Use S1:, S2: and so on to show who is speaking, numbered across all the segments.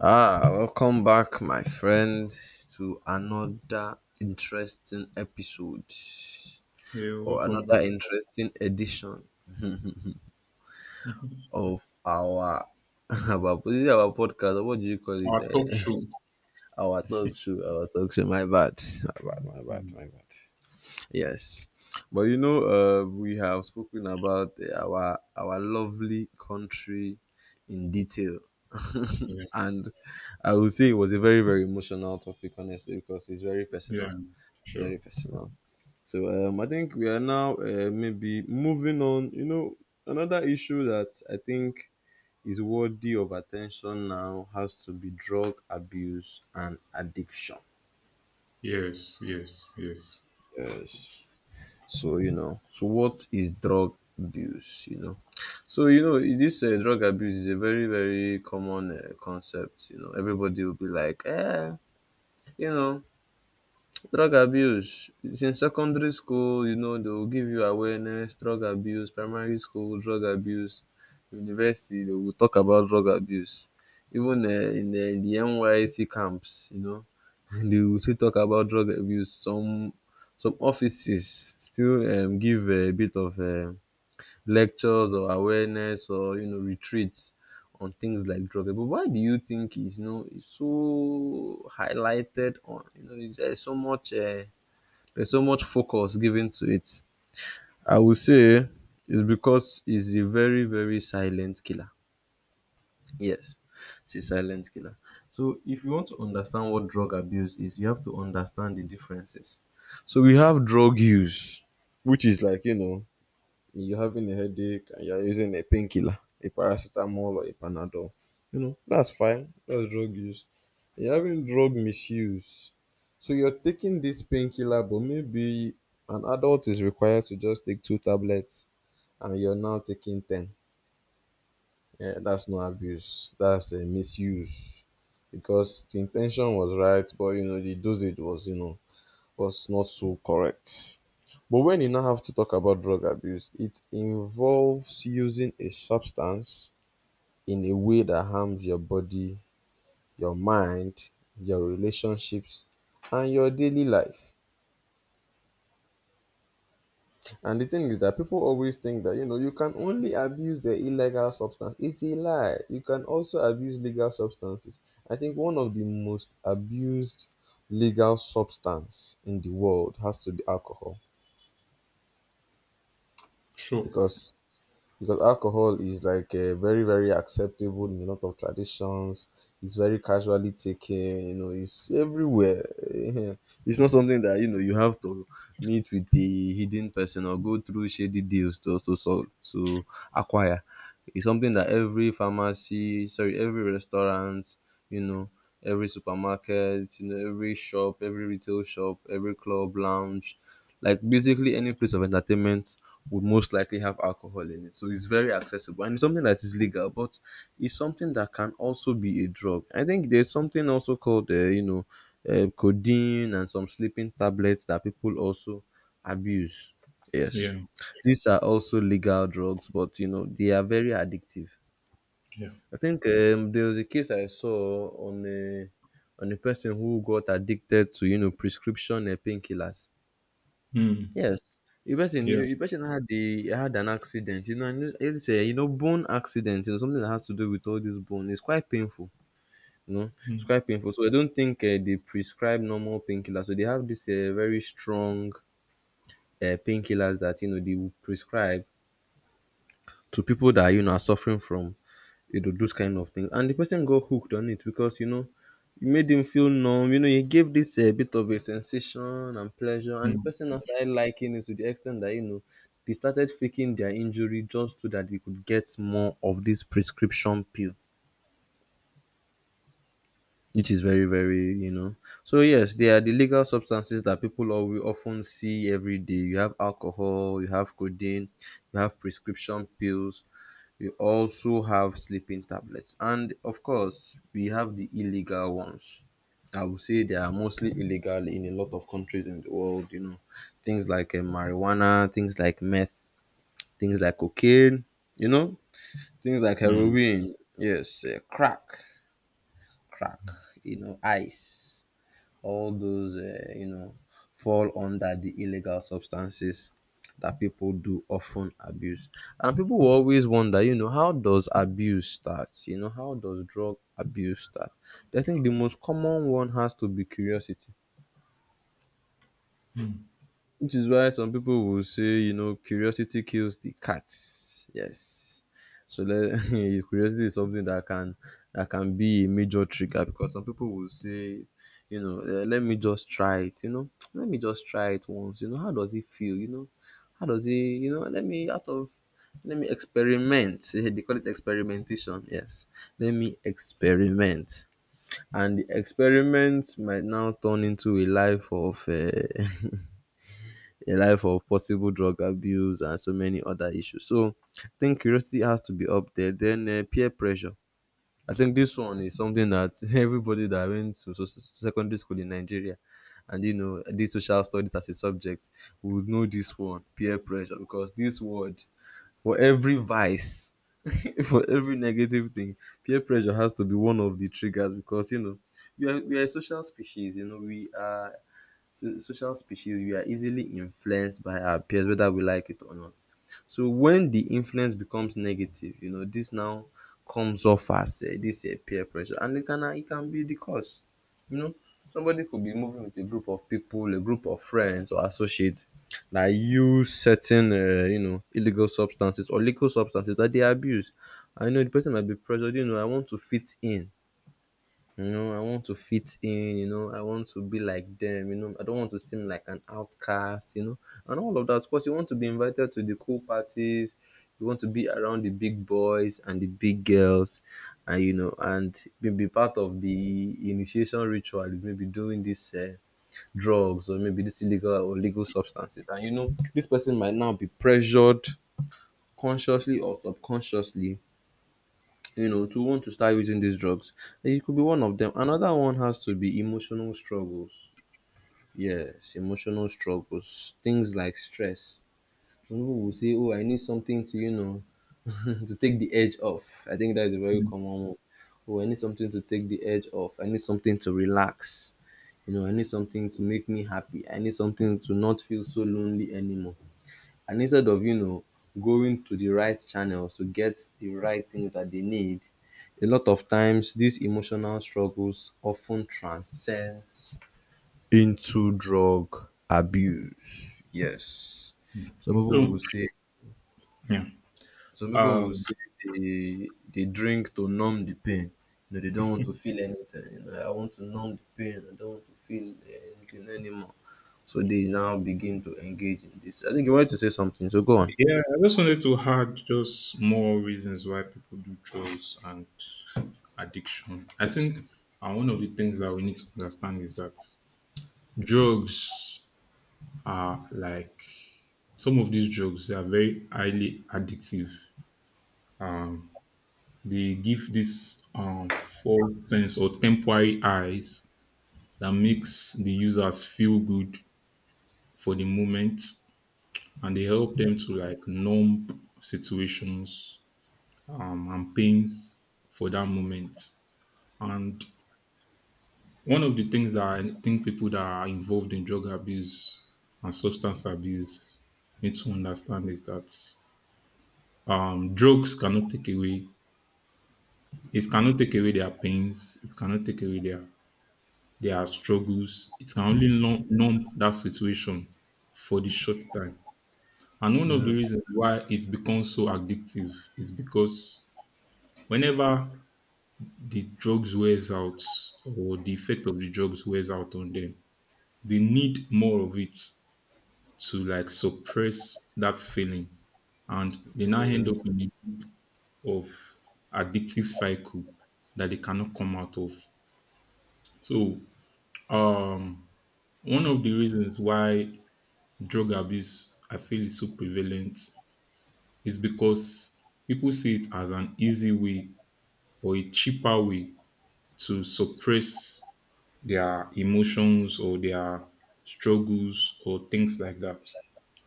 S1: Ah, welcome back, my friend, to another interesting episode
S2: Yeah,
S1: or
S2: welcome
S1: another
S2: back.
S1: interesting edition of our our, is it our podcast. Or What do you call it?
S2: Our talk
S1: Eh?
S2: show.
S1: our talk show. Our talk show. My bad. My bad. Man.
S2: Mm.
S1: Yes, but you know, we have spoken about our lovely country in detail.
S2: Yeah,
S1: And I would say it was a very, very emotional topic, honestly, because it's very personal.
S2: yeah, sure.
S1: Very personal. So I think we are now maybe moving on. Another issue that I think is worthy of attention now has to be drug abuse and addiction.
S2: Yes, yes, yes.
S1: Yes. So you know, so what is drug abuse? You know, so you know this drug abuse is a very very common concept. You know, everybody will be like, you know, drug abuse since secondary school, you know they will give you awareness drug abuse, primary school drug abuse, university they will talk about drug abuse even in the NYC camps, you know they will still talk about drug abuse. Some offices still give a bit of lectures or awareness or you know retreats on things like drug abuse. But why do you think it's you know it's so highlighted on you know is there so much there's so much focus given to it? I would say it's because it's a very very silent killer. Yes, it's a silent killer. So if you want to understand what drug abuse is, you have to understand the differences. So we have drug use, which is like you know you're having a headache and you're using a painkiller, a paracetamol or a panadol, you know, that's fine. That's drug use. You're having drug misuse. So you're taking this painkiller, but maybe an adult is required to just take two tablets and you're now taking 10. Yeah, that's not abuse. That's a misuse because the intention was right, but you know, the dosage was, you know, was not so correct. But when you now have to talk about drug abuse, it involves using a substance in a way that harms your body, your mind, your relationships, and your daily life. And the thing is that people always think that you know you can only abuse the illegal substance. It's a lie. You can also abuse legal substances. I think one of the most abused legal substance in the world has to be alcohol.
S2: Sure.
S1: because because alcohol is like very very acceptable in a lot of traditions, it's very casually taken, you know it's everywhere. It's not something that you know you have to meet with the hidden person or go through shady deals to to acquire. It's something that every pharmacy, sorry, every restaurant, you know, every supermarket, you know, every shop, every retail shop, every club lounge, like basically any place of entertainment, would most likely have alcohol in it. So it's very accessible and it's something that is legal, but it's something that can also be a drug. I think there's something also called, you know, codeine and some sleeping tablets that people also abuse. Yes,
S2: Yeah,
S1: these are also legal drugs, but you know they are very addictive.
S2: yeah.
S1: I think there was a case I saw on a person who got addicted to you know prescription painkillers.
S2: Mm,
S1: Yes,
S2: yeah.
S1: a person had an accident, you know, and it's a you know bone accident, you know, something that has to do with all this bone. It's quite painful, you know, it's
S2: Mm,
S1: quite painful. So I don't think they prescribe normal painkillers. So they have this very strong painkillers that you know they will prescribe to people that you know are suffering from you would do those kind of things. And the person got hooked on it because you know you made him feel numb. You know, you gave this a bit of a sensation and pleasure, and
S2: mm,
S1: the person now started liking it to the extent that you know they started faking their injury just so that they could get more of this prescription pill, which is very, very you know. So yes, they are the legal substances that people always often see every day. You have alcohol, you have codeine, you have prescription pills. We also have sleeping tablets, and of course, we have the illegal ones. I would say they are mostly illegal in a lot of countries in the world, you know. Things like marijuana, things like meth, things like cocaine, you know, things like
S2: mm,
S1: heroin, yes, crack, crack, you know, ice, all those you know fall under the illegal substances that people do often abuse, and people will always wonder you know how does abuse start, you know how does drug abuse start. I think the most common one has to be curiosity,
S2: mm,
S1: which is why some people will say, you know, curiosity kills the cat. Yes. So let, curiosity is something that can be a major trigger because some people will say, you know, let me just try it. You know, let me just try it once. You know, how does it feel? You know, how does it? You know, let me experiment. They call it experimentation. Yes, let me experiment. And the experiment might now turn into a life of a life of possible drug abuse and so many other issues. So I think curiosity has to be up there. Then peer pressure. I think this one is something that everybody that went to secondary school in Nigeria and you know did social studies as a subject would know this one, peer pressure, because this word for every vice for every negative thing, peer pressure has to be one of the triggers because you know we are a social species, you know we are. So social species, we are easily influenced by our peers whether we like it or not. So when the influence becomes negative you know dis now comes off as dis peer pressure and it can be the cause. You know, somebody could be moving with a group of people, a group of friends or associates that use certain you know illegal substances or legal substances that they abuse, and you know the person might be pressured, you know I want to fit in. You know, I want to fit in, you know, I want to be like them, you know, I don't want to seem like an outcast, you know, and all of that. Of course, you want to be invited to the cool parties, you want to be around the big boys and the big girls, and you know, and be part of the initiation ritual is maybe doing this drugs or maybe this illegal or legal substances. And you know, this person might now be pressured consciously or subconsciously, you know, to want to start using these drugs. It could be one of them. Another one has to be emotional struggles. Yes, emotional struggles. Things like stress. Some people will say, oh, I need something to, you know, to take the edge off. I think that is a very
S2: mm,
S1: common one. Oh, I need something to take the edge off. I need something to relax. You know, I need something to make me happy. I need something to not feel so lonely anymore, and instead of you know going to the right channels to get the right things that they need, a lot of times these emotional struggles often transcend into drug abuse. Yes.
S2: mm.
S1: Some people will
S2: So,
S1: say
S2: yeah.
S1: some people will
S2: Um,
S1: say they drink to numb the pain. You know, they don't want to feel anything. You know, I want to numb the pain. I don't want to feel anything anymore. So they now begin to engage in this. I think you wanted to say something, so go on.
S2: yeah, I just wanted to add just more reasons why people do drugs and addiction. I think, one of the things that we need to understand is that drugs are like some of these drugs they are very highly addictive. Um, They give this false sense or temporary highs that makes the users feel good for the moment, and they help them to like numb situations, and pains for that moment. And one of the things that I think people that are involved in drug abuse and substance abuse need to understand is that, drugs cannot take away, it cannot take away their pains, it cannot take away their struggles. It can only numb that situation for the short time. And one of the
S1: Yeah.
S2: reasons why it becomes so addictive is because whenever the drugs wears out or the effect of the drugs wears out on them, they need more of it to like suppress that feeling. And they now end up in a loop of addictive cycle that they cannot come out of. So, um one of the reasons why drug abuse, I feel, is so prevalent is because people see it as an easy way or a cheaper way to suppress their emotions or their struggles or things like that.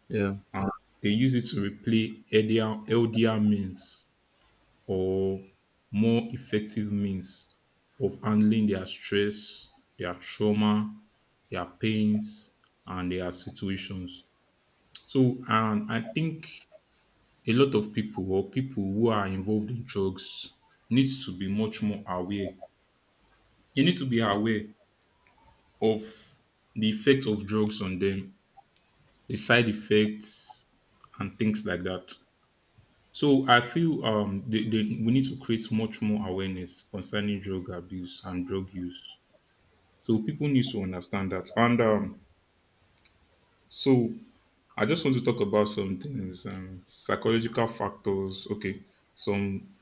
S1: Yeah,
S2: And they use it to replay LDR. LDR means or more effective means of handling their stress, their trauma, their pains, and their situations. So, and I think a lot of people or people who are involved in drugs needs to be much more aware. They need to be aware of the effect of drugs on them, the side effects, and things like that. So I feel we need to create much more awareness concerning drug abuse and drug use. So people need to understand that. And so I just want to talk about some things, psychological factors. Okay, some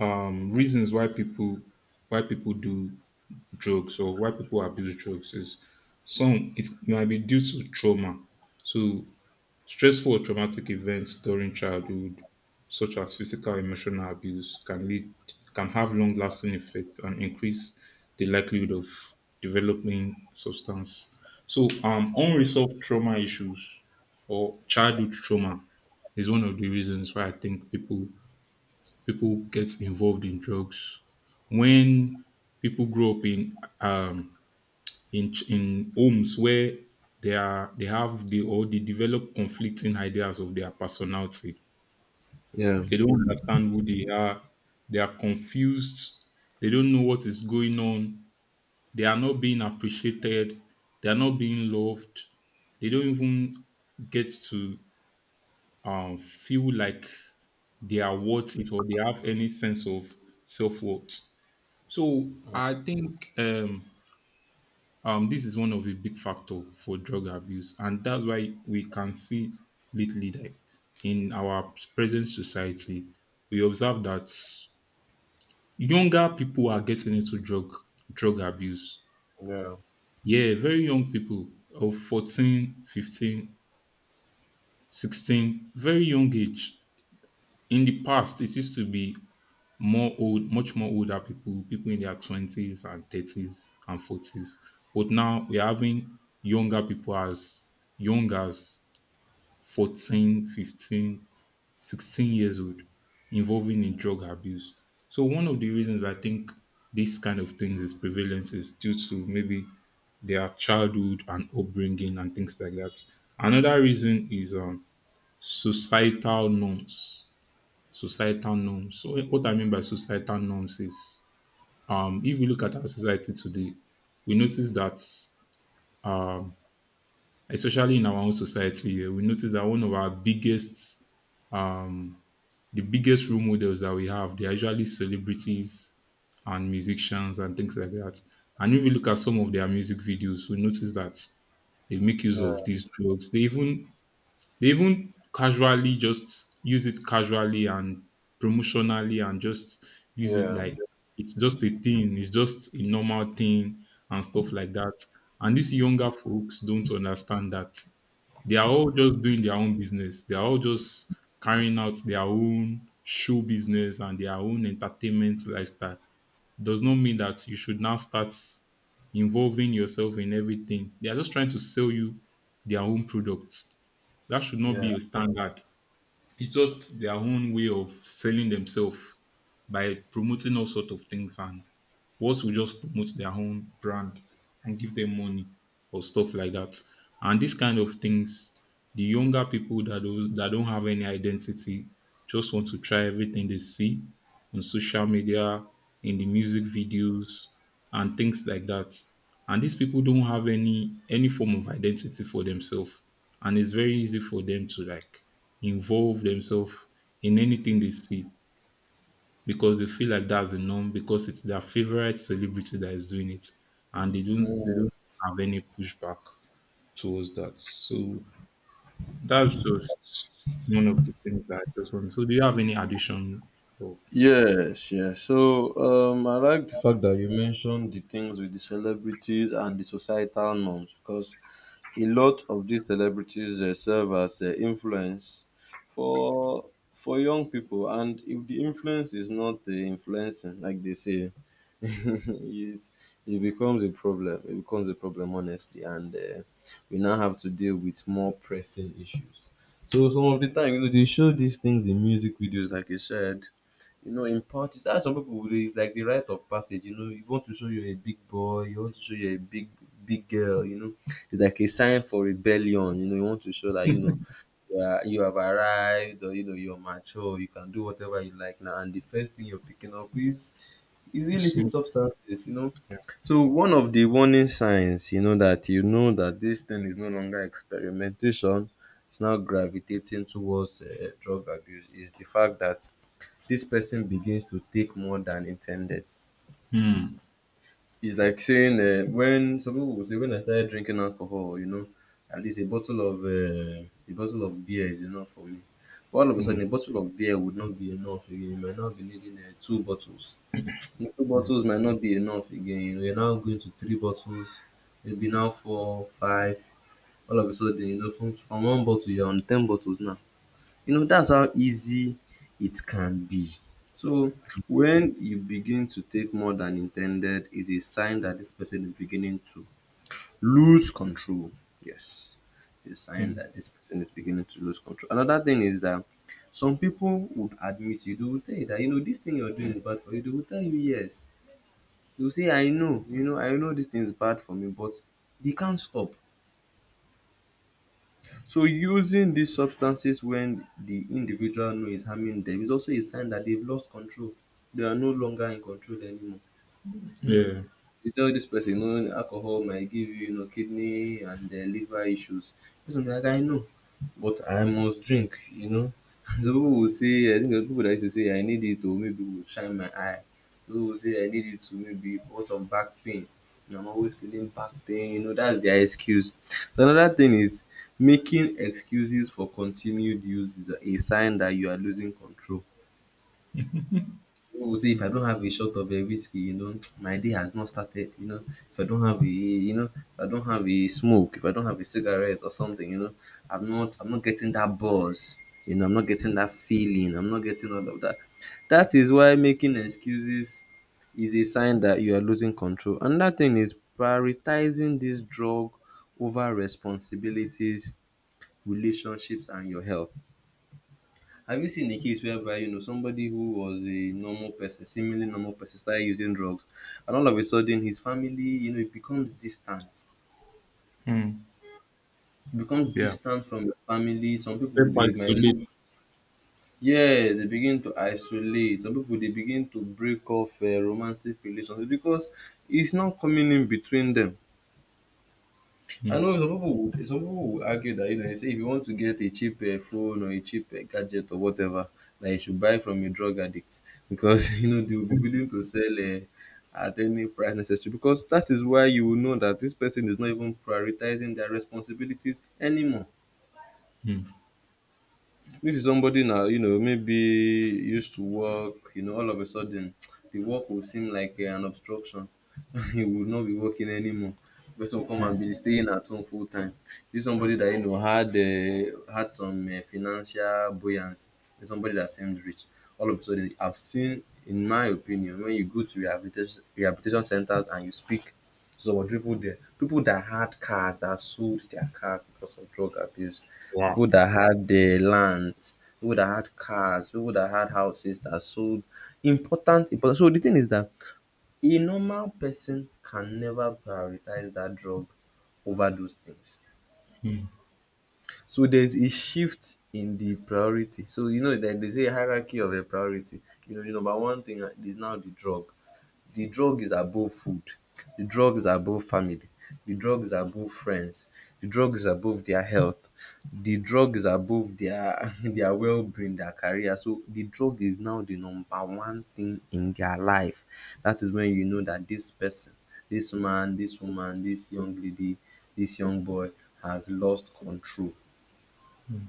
S2: reasons why people do drugs or why people abuse drugs is, some it might be due to trauma, so stressful or traumatic events during childhood, such as physical emotional abuse, can have long lasting effects and increase the likelihood of developing substance. So, unresolved trauma issues or childhood trauma is one of the reasons why I think people get involved in drugs. When people grow up in homes where they are they have the or they develop conflicting ideas of their personality.
S1: yeah.
S2: They don't understand who they are. They are confused. They don't know what is going on. They are not being appreciated. They are not being loved. They don't even get to, feel like they are worth it or they have any sense of self worth. So I think, this is one of the big factor for drug abuse, and that's why we can see lately that in our present society, we observe that younger people are getting into drug abuse.
S1: Yeah,
S2: Yeah, very young people of 14, 15, 16, very young age. In the past, it used to be more old, much more older people, people in their twenties and thirties and forties. But now we're having younger people as young as 14, 15, 16 years old involving in drug abuse. So one of the reasons I think this kind of things is prevalent is due to maybe their childhood and upbringing and things like that. Another reason is, societal norms. Societal norms. So what I mean by societal norms is, if we look at our society today, we notice that, um, especially in our own society here, we notice that one of our biggest, um, the biggest role models that we have, they are usually celebrities and musicians and things like that. And if we look at some of their music videos, we notice that they make use
S1: yeah,
S2: of these drugs. They even casually just use it, casually and promotionally, and just use it
S1: yeah,
S2: like it's just a thing, it's just a normal thing and stuff like that. And these younger folks don't understand that. They are all just doing their own business. They are all just carrying out their own show business, and their own entertainment lifestyle does not mean that you should now start involving yourself in everything. They are just trying to sell you their own products. That should not
S1: yeah.
S2: be a standard. It's just their own way of selling themselves by promoting all sorts of things, and once we just promote their own brand and give them money or stuff like that. And these kind of things, the younger people that don't have any identity just want to try everything they see on social media, in the music videos, and things like that. And these people don't have any form of identity for themselves, and it's very easy for them to like involve themselves in anything they see because they feel like that's the norm, because it's their favorite celebrity that is doing it, and they
S1: Mm.
S2: don't have any pushback towards that. So that's just one of the things that I just want. So do you have any addition or
S1: Yes, yes. So I like the fact that you mentioned the things with the celebrities and the societal norms because a lot of these celebrities serve as influence for for young people, and if the influence is not influencing, like they say, it, it becomes a problem. It becomes a problem, honestly, and we now have to deal with more pressing issues. So some of the time, you know, they show these things in music videos, like you said. You know, in parties, that's some people would- it's like the rite of passage. You know, you want to show you're a big boy, you want to show you're a big girl. You know, it's like a sign for rebellion. You know, you want to show that you know you have arrived, or you know you're mature. You can do whatever you like now, and the first thing you're picking up is illicit
S2: smoke?
S1: substances.
S2: Yeah.
S1: So one of the warning signs that that this thing is no longer experimentation. It's now gravitating towards drug abuse. Is the fact that this person begins to take more than intended.
S2: Mm,
S1: It's like saying when some people will say, when I started drinking alcohol, at least a bottle of beer is enough for me. But all of a
S2: mm,
S1: sudden, a bottle of beer would not be enough again. You might not be needing two bottles. And two bottles might not be enough again. You know, you're now going to three bottles, maybe now four, five. All of a sudden, you know, from one bottle you're on 10 bottles now. You know that's how easy it can be. So when you begin to take more than intended, is a sign that this person is beginning to lose control. Yes, it's a sign
S2: mm.
S1: that this person is beginning to lose control. Another thing is that some people would admit you. They will tell you that this thing you're doing is bad for you. They will tell you, yes. They will say, I know, I know this thing is bad for me, but they can't stop. So using these substances when the individual know is harming them is also a sign that they've lost control. They are no longer in control anymore. You know,
S2: Yeah.
S1: you tell this person, alcohol might give you, kidney and liver issues. This one, like, I know, but I must drink. So people will say, I think the people that used to say, I need it to maybe will shine my eye. People will say, I need it to maybe cause some back pain. You know, I'm always feeling back pain, that's their excuse. So another thing is, making excuses for continued use is a sign that you are losing control. Oh, see, if I don't have a shot of a whiskey, my day has not started. You know, if I don't have a, if I don't have a smoke, if I don't have a cigarette or something, I'm not getting that buzz. You know, I'm not getting that feeling. I'm not getting all of that. That is why making excuses is a sign that you are losing control. Another thing is prioritizing this drug over responsibilities, relationships, and your health. Have you seen a case whereby somebody who was a normal person, seemingly normal person, started using drugs, and all of a sudden his family, it becomes distant,
S2: Mm,
S1: it becomes
S2: yeah.
S1: distant from the family. Some people
S2: Self
S1: they might, look,
S2: isolate.
S1: yes, they begin to isolate. Some people they begin to break off romantic relations because it's not coming in between them. I know
S2: Mm,
S1: some people would argue that they say, if you want to get a cheap phone or a cheap gadget or whatever, that you should buy from a drug addict because they will be willing to sell uh, at any price necessary, because that is why you will know that this person is not even prioritizing their responsibilities anymore.
S2: mm,
S1: This is somebody now, maybe used to work, all of a sudden the work will seem like an obstruction. He would not be working anymore. Person will come and
S2: mm.
S1: be staying at home full time. This is somebody that had some financial buoyancy. There's somebody that seemed rich. All of a sudden, I've seen, in my opinion, when you go to rehabilitation centers and you speak, so what people there, people that had cars that sold their cars because of drug abuse, people
S2: Wow.
S1: that had the land, people that had cars, people that had houses that sold, important important. So the thing is that a normal person can never prioritize that drug over those things. So there's a shift in the priority. So you know that they say, hierarchy of a priority. You know, the number one thing is now the drug. The drug is above food, the drug is above family, the drug is above friends, the drug is above their health, the drug is above their their wellbeing, their career. So the drug is now the number one thing in their life. Dat is when you know dat dis person, dis man, dis woman, dis young lady, dis young boy has lost control.
S2: Mm,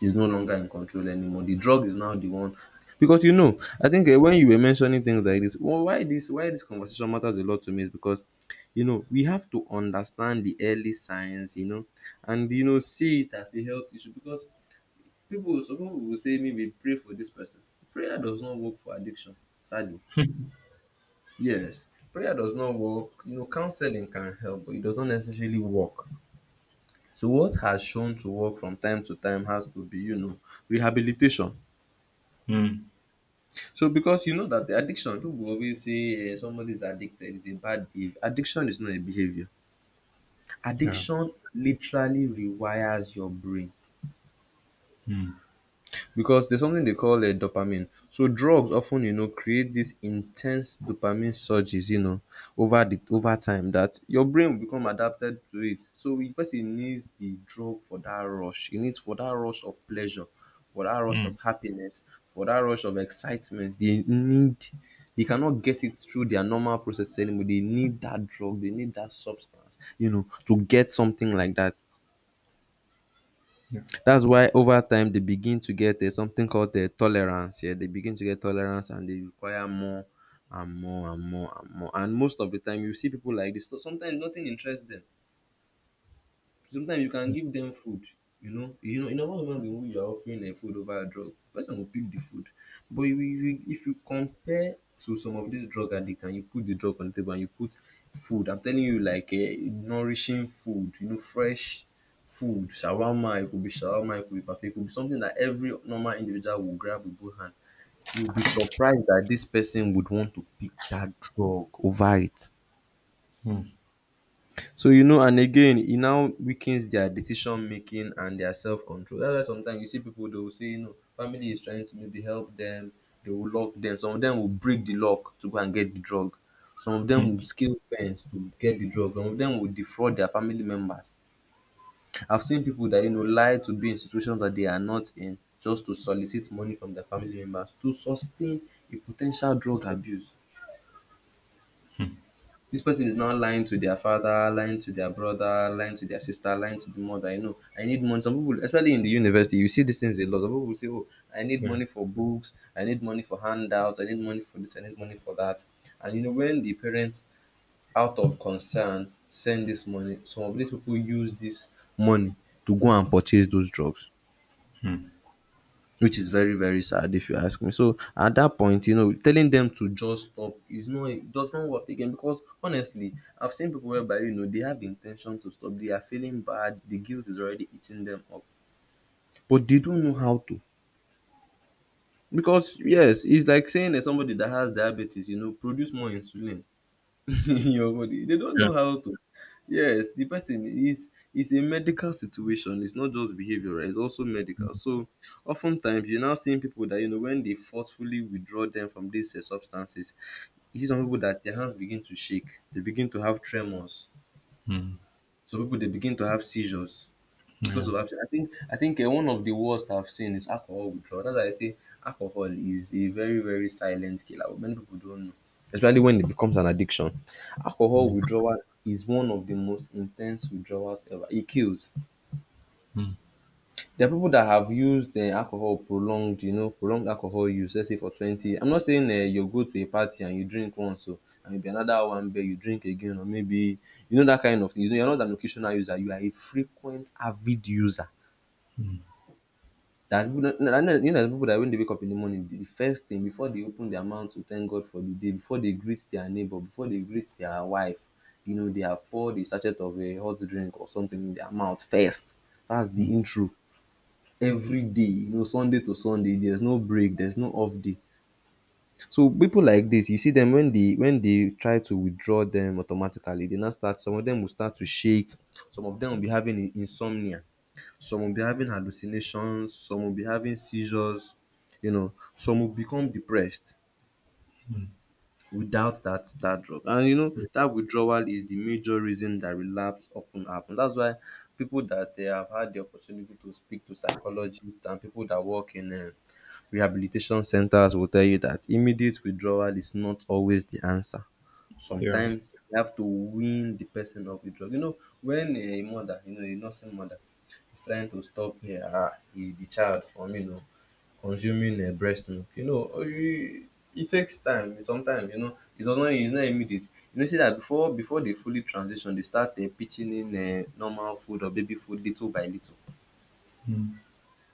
S1: Is no longer in control anymore. The drug is now the one, because you know, I think when you were mentioning things like this, well, why this conversation matters a lot to me is because you know we have to understand the early signs, and see it as a health issue, because people some people will say, maybe pray for this person. Prayer does not work for addiction, sadly. Yes, prayer does not work. You know, counseling can help, but it does not necessarily work. So what has shown to work from time to time has to be, rehabilitation.
S2: mm,
S1: So because you know that the addiction, people always say somebody is addicted is a bad behavior. Addiction is not a behavior.
S2: yeah.
S1: Addiction literally rewires your brain.
S2: Mm,
S1: Because there's something they call a dopamine. So drugs often, create these intense dopamine surges, over time that your brain will become adapted to it. So the person needs the drug for that rush. He needs for that rush of pleasure, for that rush of
S2: mm,
S1: happiness, for that rush of excitement. They cannot get it through their normal process anymore. They need that drug, they need that substance, to get something like that.
S2: yeah.
S1: That's why over time they begin to get something called tolerance. Yeah, they begin to get tolerance and they require more and more and more and more. And most of the time, you see people like this. So sometimes nothing interests them. Sometimes you can give them food. You know, in a human being who you are offering a food over a drug, the person will pick the food. But if you compare to some of these drug addicts and you put the drug on the table and you put food, I'm telling you, like nourishing food, fresh food, shawarma, it could be shawarma, it could be parfait, it could be something that every normal individual will grab with both hands. You'll be surprised that this person would want to pick that drug over it.
S2: Mm,
S1: So and again, it now weakens their decision making and their self control. That's why sometimes you see people they will say, family is trying to maybe help them, they will lock them. Some of them will break the lock to go and get the drug. Some of them
S2: mm,
S1: will scale fence to get the drug. Some of them will defraud their family members. I've seen people that lie to be in situations that they are not in, just to solicit money from their family members to sustain a potential drug abuse.
S2: mm,
S1: This person is now lying to their father, lying to their brother, lying to their sister, lying to the mother. You know, I need money. Some people, especially in the university, you see these things a lot. Some people will say, "Oh, I need
S2: yeah.
S1: money for books. I need money for handouts. I need money for this. I need money for that." And you know, when the parents, out of concern, send this money, some of these people use this money to go and purchase those drugs,
S2: Mm,
S1: which is very very sad, if you ask me. So at that point, telling them to just stop is not it does not work again, because honestly, I've seen people whereby they have the intention to stop, they are feeling bad, the guilt is already eating them up, but they don't know how to. Because yes, it's like saying that somebody that has diabetes, produce more insulin in your body. They don't
S2: yeah.
S1: know how to. Yes, the person is a medical situation. It's not just behavioral. It's also medical. So, oftentimes you're now seeing people that when they forcefully withdraw them from these substances. You see some people that their hands begin to shake. They begin to have tremors.
S2: Mm,
S1: Some people they begin to have seizures because
S2: yeah.
S1: of abstinence. I think one of the worst I've seen is alcohol withdrawal. That's why I say alcohol is a very very silent killer. Many people don't know, especially when it becomes an addiction. Alcohol
S2: Mm,
S1: withdrawal is one of the most intense withdrawals ever. It kills.
S2: mm,
S1: There are people that have used alcohol prolonged, you know, prolonged alcohol use. Let's say for 20. I'm not saying you go to a party and you drink once, so and maybe another one beer you drink again, or maybe you know that kind of thing. You know, you're not an occasional user. You are a frequent avid user. That people don't, no, no, you know, people that when they wake up in the morning, the first thing before they open their mouth to thank God for the day, before they greet their neighbor, before they greet their wife, you know, they have poured a sachet of a hot drink or something in their mouth first. That's the intro every day, you know, Sunday to Sunday. There's no break, there's no off day. So people like this, you see them when they try to withdraw them automatically, they now start. Some of them will start to shake. Some of them will be having insomnia, some will be having hallucinations, some will be having seizures, you know, some will become depressed without that drug. And you know, that withdrawal is the major reason that relapse often happens. That's why people that they have had the opportunity to speak to psychologists and people that work in rehabilitation centers will tell you that immediate withdrawal is not always the answer.
S2: yeah.
S1: Sometimes you have to wean the person off the drug. You know, when a mother, you know, a nursing mother is trying to stop her, the child from, you know, consuming breast milk, you know, it it takes time, sometimes, you know, it does not it's not immediate. You know, see dat before they fully transition, they start pitching in normal food or baby food little by little.
S2: Mm.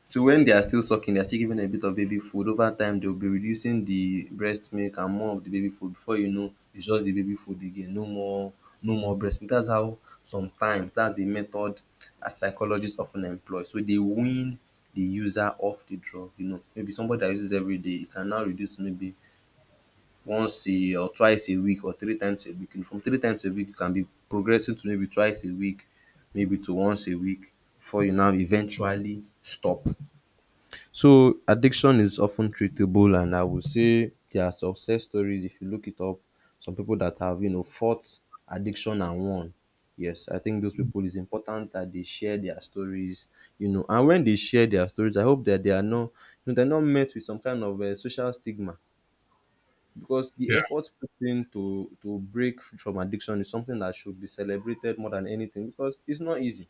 S1: So when they are still sucking, they are still giving a bit of baby food. Over time, they will be reducing the breast milk and more of the baby food. Before you know, it's just the baby food again. No more, no more breast milk. That's how sometimes that's the method that psychologists often employ. So they wean the user off the drug. You know, maybe somebody that uses every day, it can now reduce to maybe once a or twice a week or three times a week. And from three times a week, you can be progressing to maybe twice a week, maybe to once a week before you now eventually stop. So addiction is often treatable, and I would say there are success stories if you look it up. Some people that have you know fought addiction and won. Yes, I think those people it's important that they share their stories, you know, and when they share their stories, I hope that they are not you know, they're not met with some kind of social stigma because the
S2: Yeah,
S1: effort put in to break from addiction is something that should be celebrated more than anything because it's not easy.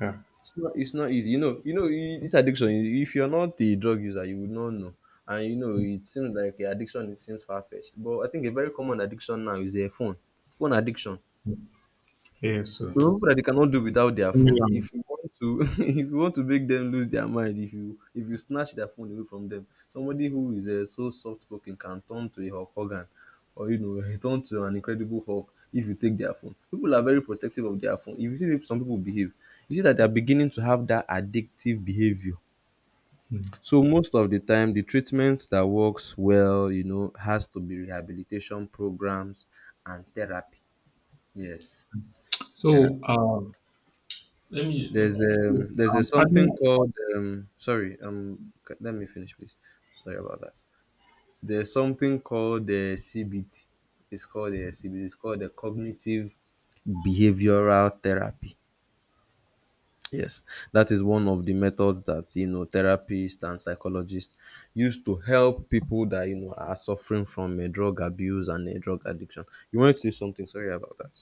S2: yeah,
S1: It's not easy. You know this addiction, if you're not a drug user, you would not know. And you know, it seems like a addiction it seems far fetched. But I think a very common addiction now is a phone. Phone addiction.
S2: yes. So,
S1: So people that they cannot do without their
S2: let me.
S1: phone. If you want to if you want to make them lose their mind, if you snatch their phone away from them, somebody who is so soft spoken can turn to a Hulk Hogan or you know turn to an incredible Hulk if you take their phone. People are very protective of their phone. If you see some people behave, you see that they are beginning to have that addictive behavior.
S2: Hmm.
S1: So most of the time, the treatment that works well, you know, has to be rehabilitation programs and therapy. Yes,
S2: So,
S1: therapy.
S2: let me. Let me- So,
S1: There's a
S2: um,
S1: something
S2: adding,
S1: called sorry let me finish please. Sorry about that. There's something called the CBT. It's called the CBT. It's called the cognitive behavioral therapy. Yes, that is one of the methods that you know therapists and psychologists use to help people that you know are suffering from a drug abuse and a drug addiction. You want to say something? Sorry about that.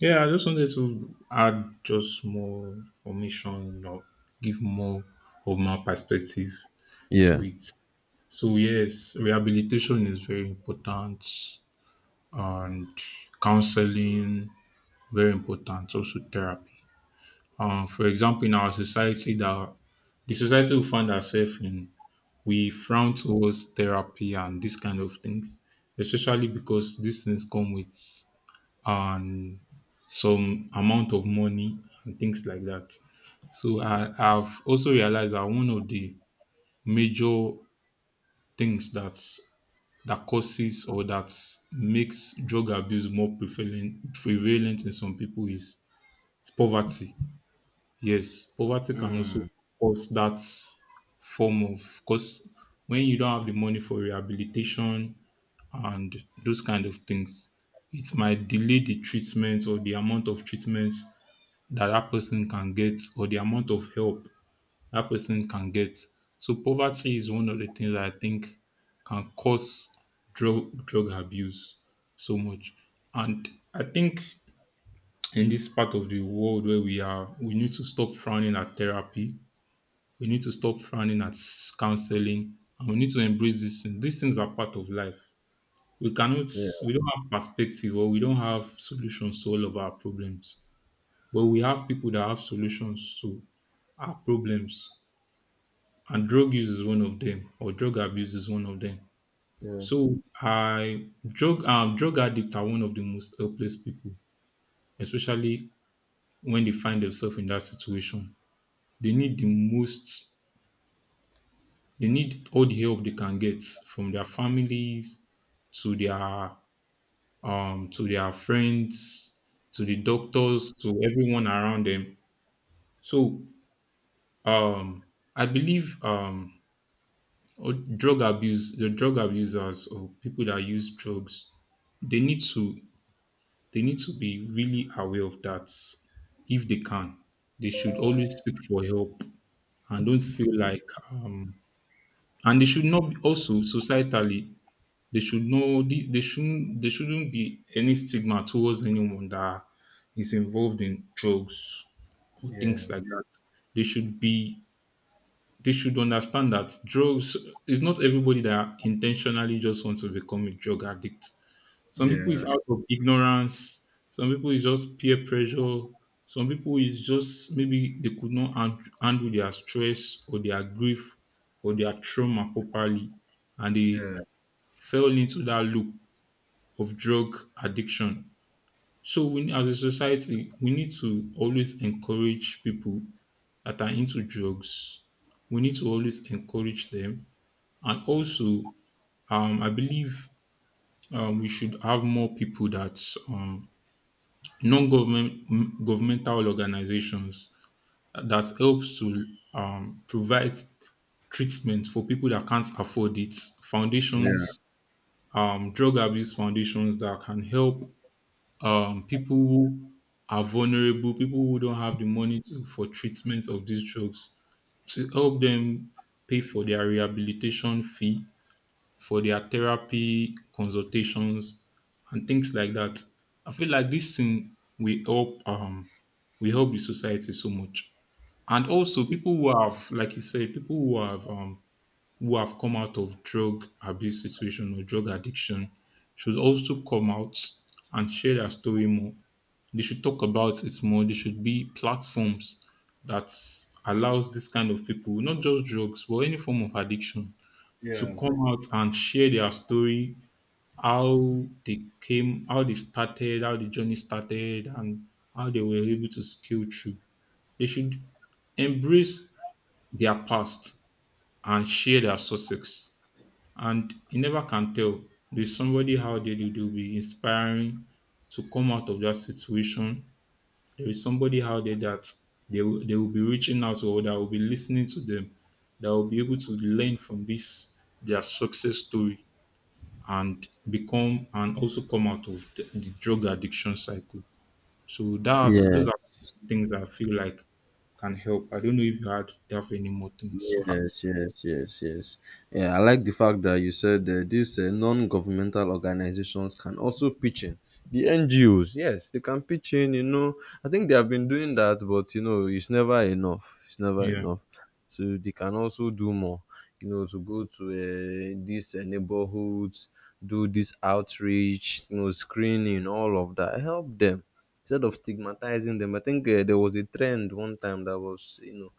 S2: yeah, I just wanted to add just more information or give more of my perspective to
S1: Yeah.
S2: it. So yes, rehabilitation is very important, and counseling very important, also therapy. For example, in our society, that the society will find ourselves in, we frown towards therapy and these kind of things, especially because these things come with, um, some amount of money and things like that. So I've also realized that one of the major things that causes or that makes drug abuse more prevalent in some people is poverty. Yes, poverty can also cause that form of, because when you don't have the money for rehabilitation and those kind of things, it might delay the treatment or the amount of treatments that that person can get or the amount of help that person can get. So poverty is one of the things that I think can cause drug abuse so much. And I think in this part of the world where we are, we need to stop frowning at therapy. We need to stop frowning at counseling, and we need to embrace these things. These things are part of life. We cannot,
S1: Yeah.
S2: we don't have perspective or we don't have solutions to all of our problems. But we have people that have solutions to our problems. And drug use is one of them, or drug abuse is one of them.
S1: Yeah.
S2: So I drug drug addicts are one of the most helpless people, especially when they find themselves in that situation. They need the most they need all the help they can get from their families, to their to their friends, to the doctors, to everyone around them. So, um, I believe, oh, drug abuse, the drug abusers or people that use drugs, they need to they need to be really aware of that. If they can, they should always seek for help and don't feel like, um, and they should not be also societally. They should know the- they shouldn't there shouldn't be any stigma towards anyone that is involved in drugs or things
S1: Yeah.
S2: like that. They should be they should understand that drugs, is not everybody that intentionally just wants to become a drug addict. Some people is
S1: Yeah.
S2: out of ignorance, some people is just peer pressure, some people is just maybe they could not handle their stress or their grief or their trauma properly and they
S1: Yeah.
S2: fell into that loop of drug addiction. So we as a society, we need to always encourage people that are into drugs. We need to always encourage them. And also, I believe, we should have more people that, um, governmental organizations that helps to, provide treatment for people that can't afford it.
S1: Yeah.
S2: Foundations, drug abuse foundations that can help, people who are vulnerable, people who don't have the money to, for treatments of these drugs, to help them pay for their rehabilitation fee, for their therapy consultations, and things like that. I feel like this thing will help the society so much. And also people who have, like you said, people who have come out of drug abuse situation or drug addiction should also come out and share their story more. They should talk about it more. There should be platforms that allows this kind of people, not just drugs, but any form of addiction, to
S1: Yeah.
S2: come out and share their story, how they came, how they started, how the journey started, and how they were able to scale through. They should embrace their past and share their success. And you never can tell. There's somebody out there that will be inspiring to come out of that situation. There is somebody out there that they will be reaching out or that will be listening to them, that will be able to learn from this their success story and become, and also come out of the drug addiction cycle. So that's,
S1: Yeah.
S2: those are things I feel like can help. I don't know if you had have any more things to add.
S1: Yes, yes, yes, yes. Yeah, I like the fact that you said these non-governmental organizations can also pitch in. The NGOs, yes, they can pitch in. You know, I think they have been doing that, but you know, it's never enough. It's never
S2: Yeah.
S1: enough. So they can also do more. You know, to go to these neighborhoods, do this outreach, you know, screening, all of that. Help them instead of stigmatizing them. I think there was a trend one time that was, you know,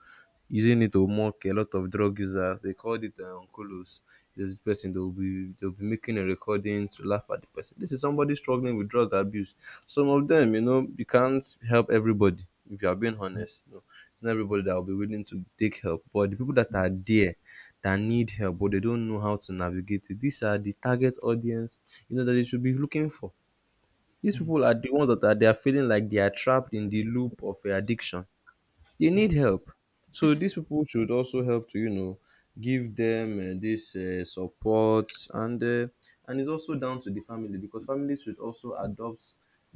S1: using it to mock a lot of drug users. They called it Kolos. There's this person they'll be making a recording to laugh at the person. This is somebody struggling with drug abuse. Some of them, you know, you can't help everybody if you are being honest. You know, it's not everybody that will be willing to take help. But the people that are there that need help but they don't know how to navigate it, these are the target audience, you know, that they should be looking for. These
S2: Mm.
S1: people are the ones that are they are feeling like they are trapped in the loop of addiction, they need help. So these people should also help to you know give them this support, and it's also down to the family because families should also adopt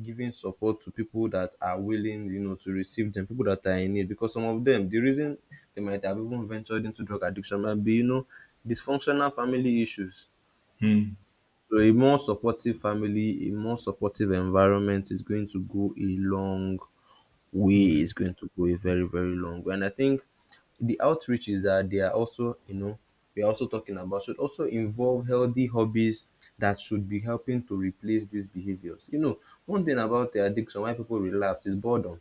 S1: giving support to people that are willing you know to receive them, people that are in need because some of them the reason they might have even ventured into drug addiction might be you know dysfunctional family issues.
S2: Mm.
S1: So a more supportive family, a more supportive environment is going to go a long way,
S2: Yeah.
S1: is going to go a very very long way. And I think the outreaches that they are also you know we are also talking about should also involve healthy hobbies that should be helping to replace these behaviors. You know, one thing about the addiction why people relapse is boredom.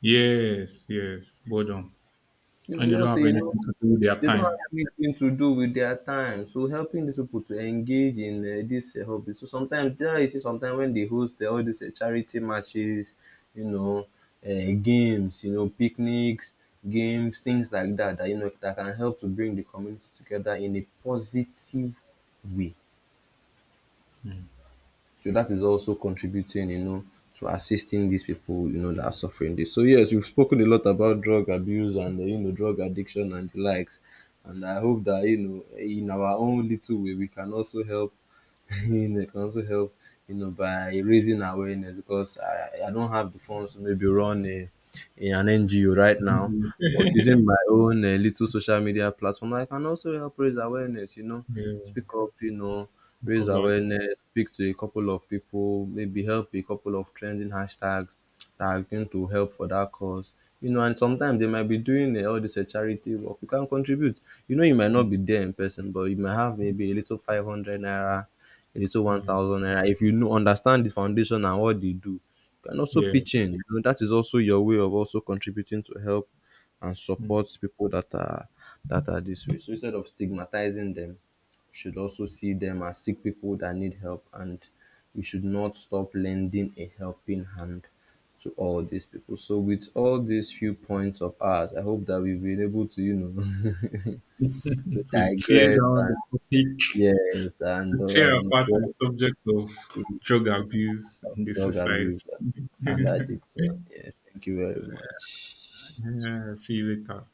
S2: Yes, yes, boredom.
S1: You might
S2: And they don't
S1: just say,
S2: have
S1: you know,
S2: anything to do with their
S1: they don't
S2: time.
S1: have anything to do with their time. So helping these people to engage in this hobby. So sometimes, yeah, you see, sometimes when they host all these charity matches, you know, games, you know, picnics, games, things like that, that you know that can help to bring the community together in a positive way.
S2: Mm.
S1: So that is also contributing, you know, to assisting these people, you know, that are suffering this. So yes, we've spoken a lot about drug abuse and you know drug addiction and the likes, and I hope that you know in our own little way we can also help and I can also help, you know, by raising awareness because I don't have the funds to maybe run an NGO right now. But using my own little social media platform, I can also help raise awareness, you know,
S2: Yeah.
S1: speak up, you know,
S2: Talk
S1: raise
S2: about.
S1: awareness, speak to a couple of people, maybe help a couple of trending hashtags that are going to help for that cause. You know, and sometimes they might be doing all this charity work. You can contribute. You know, you might not be there in person, but you might have maybe a little 500 naira, a little
S2: Yeah,
S1: 1000 naira if you know understand the foundation and what they do, you can also
S2: yeah.
S1: pitch in you know that is also your way of also contributing to help and
S2: Mm.
S1: support people that are this way. So instead of stigmatizing them you should also see them as sick people that need help, and we should not stop lending a helping hand to all these people. So with all these few points of ours I hope that we've been able to you know to
S2: To tear
S1: digress
S2: down
S1: and
S2: the topic,
S1: yes,
S2: to
S1: and, uh,
S2: tear
S1: and
S2: apart
S1: uh,
S2: the subject of drug abuse
S1: of
S2: in the
S1: drug abuse
S2: society.
S1: and addiction. Yes, thank you very much.
S2: Yeah, see you later.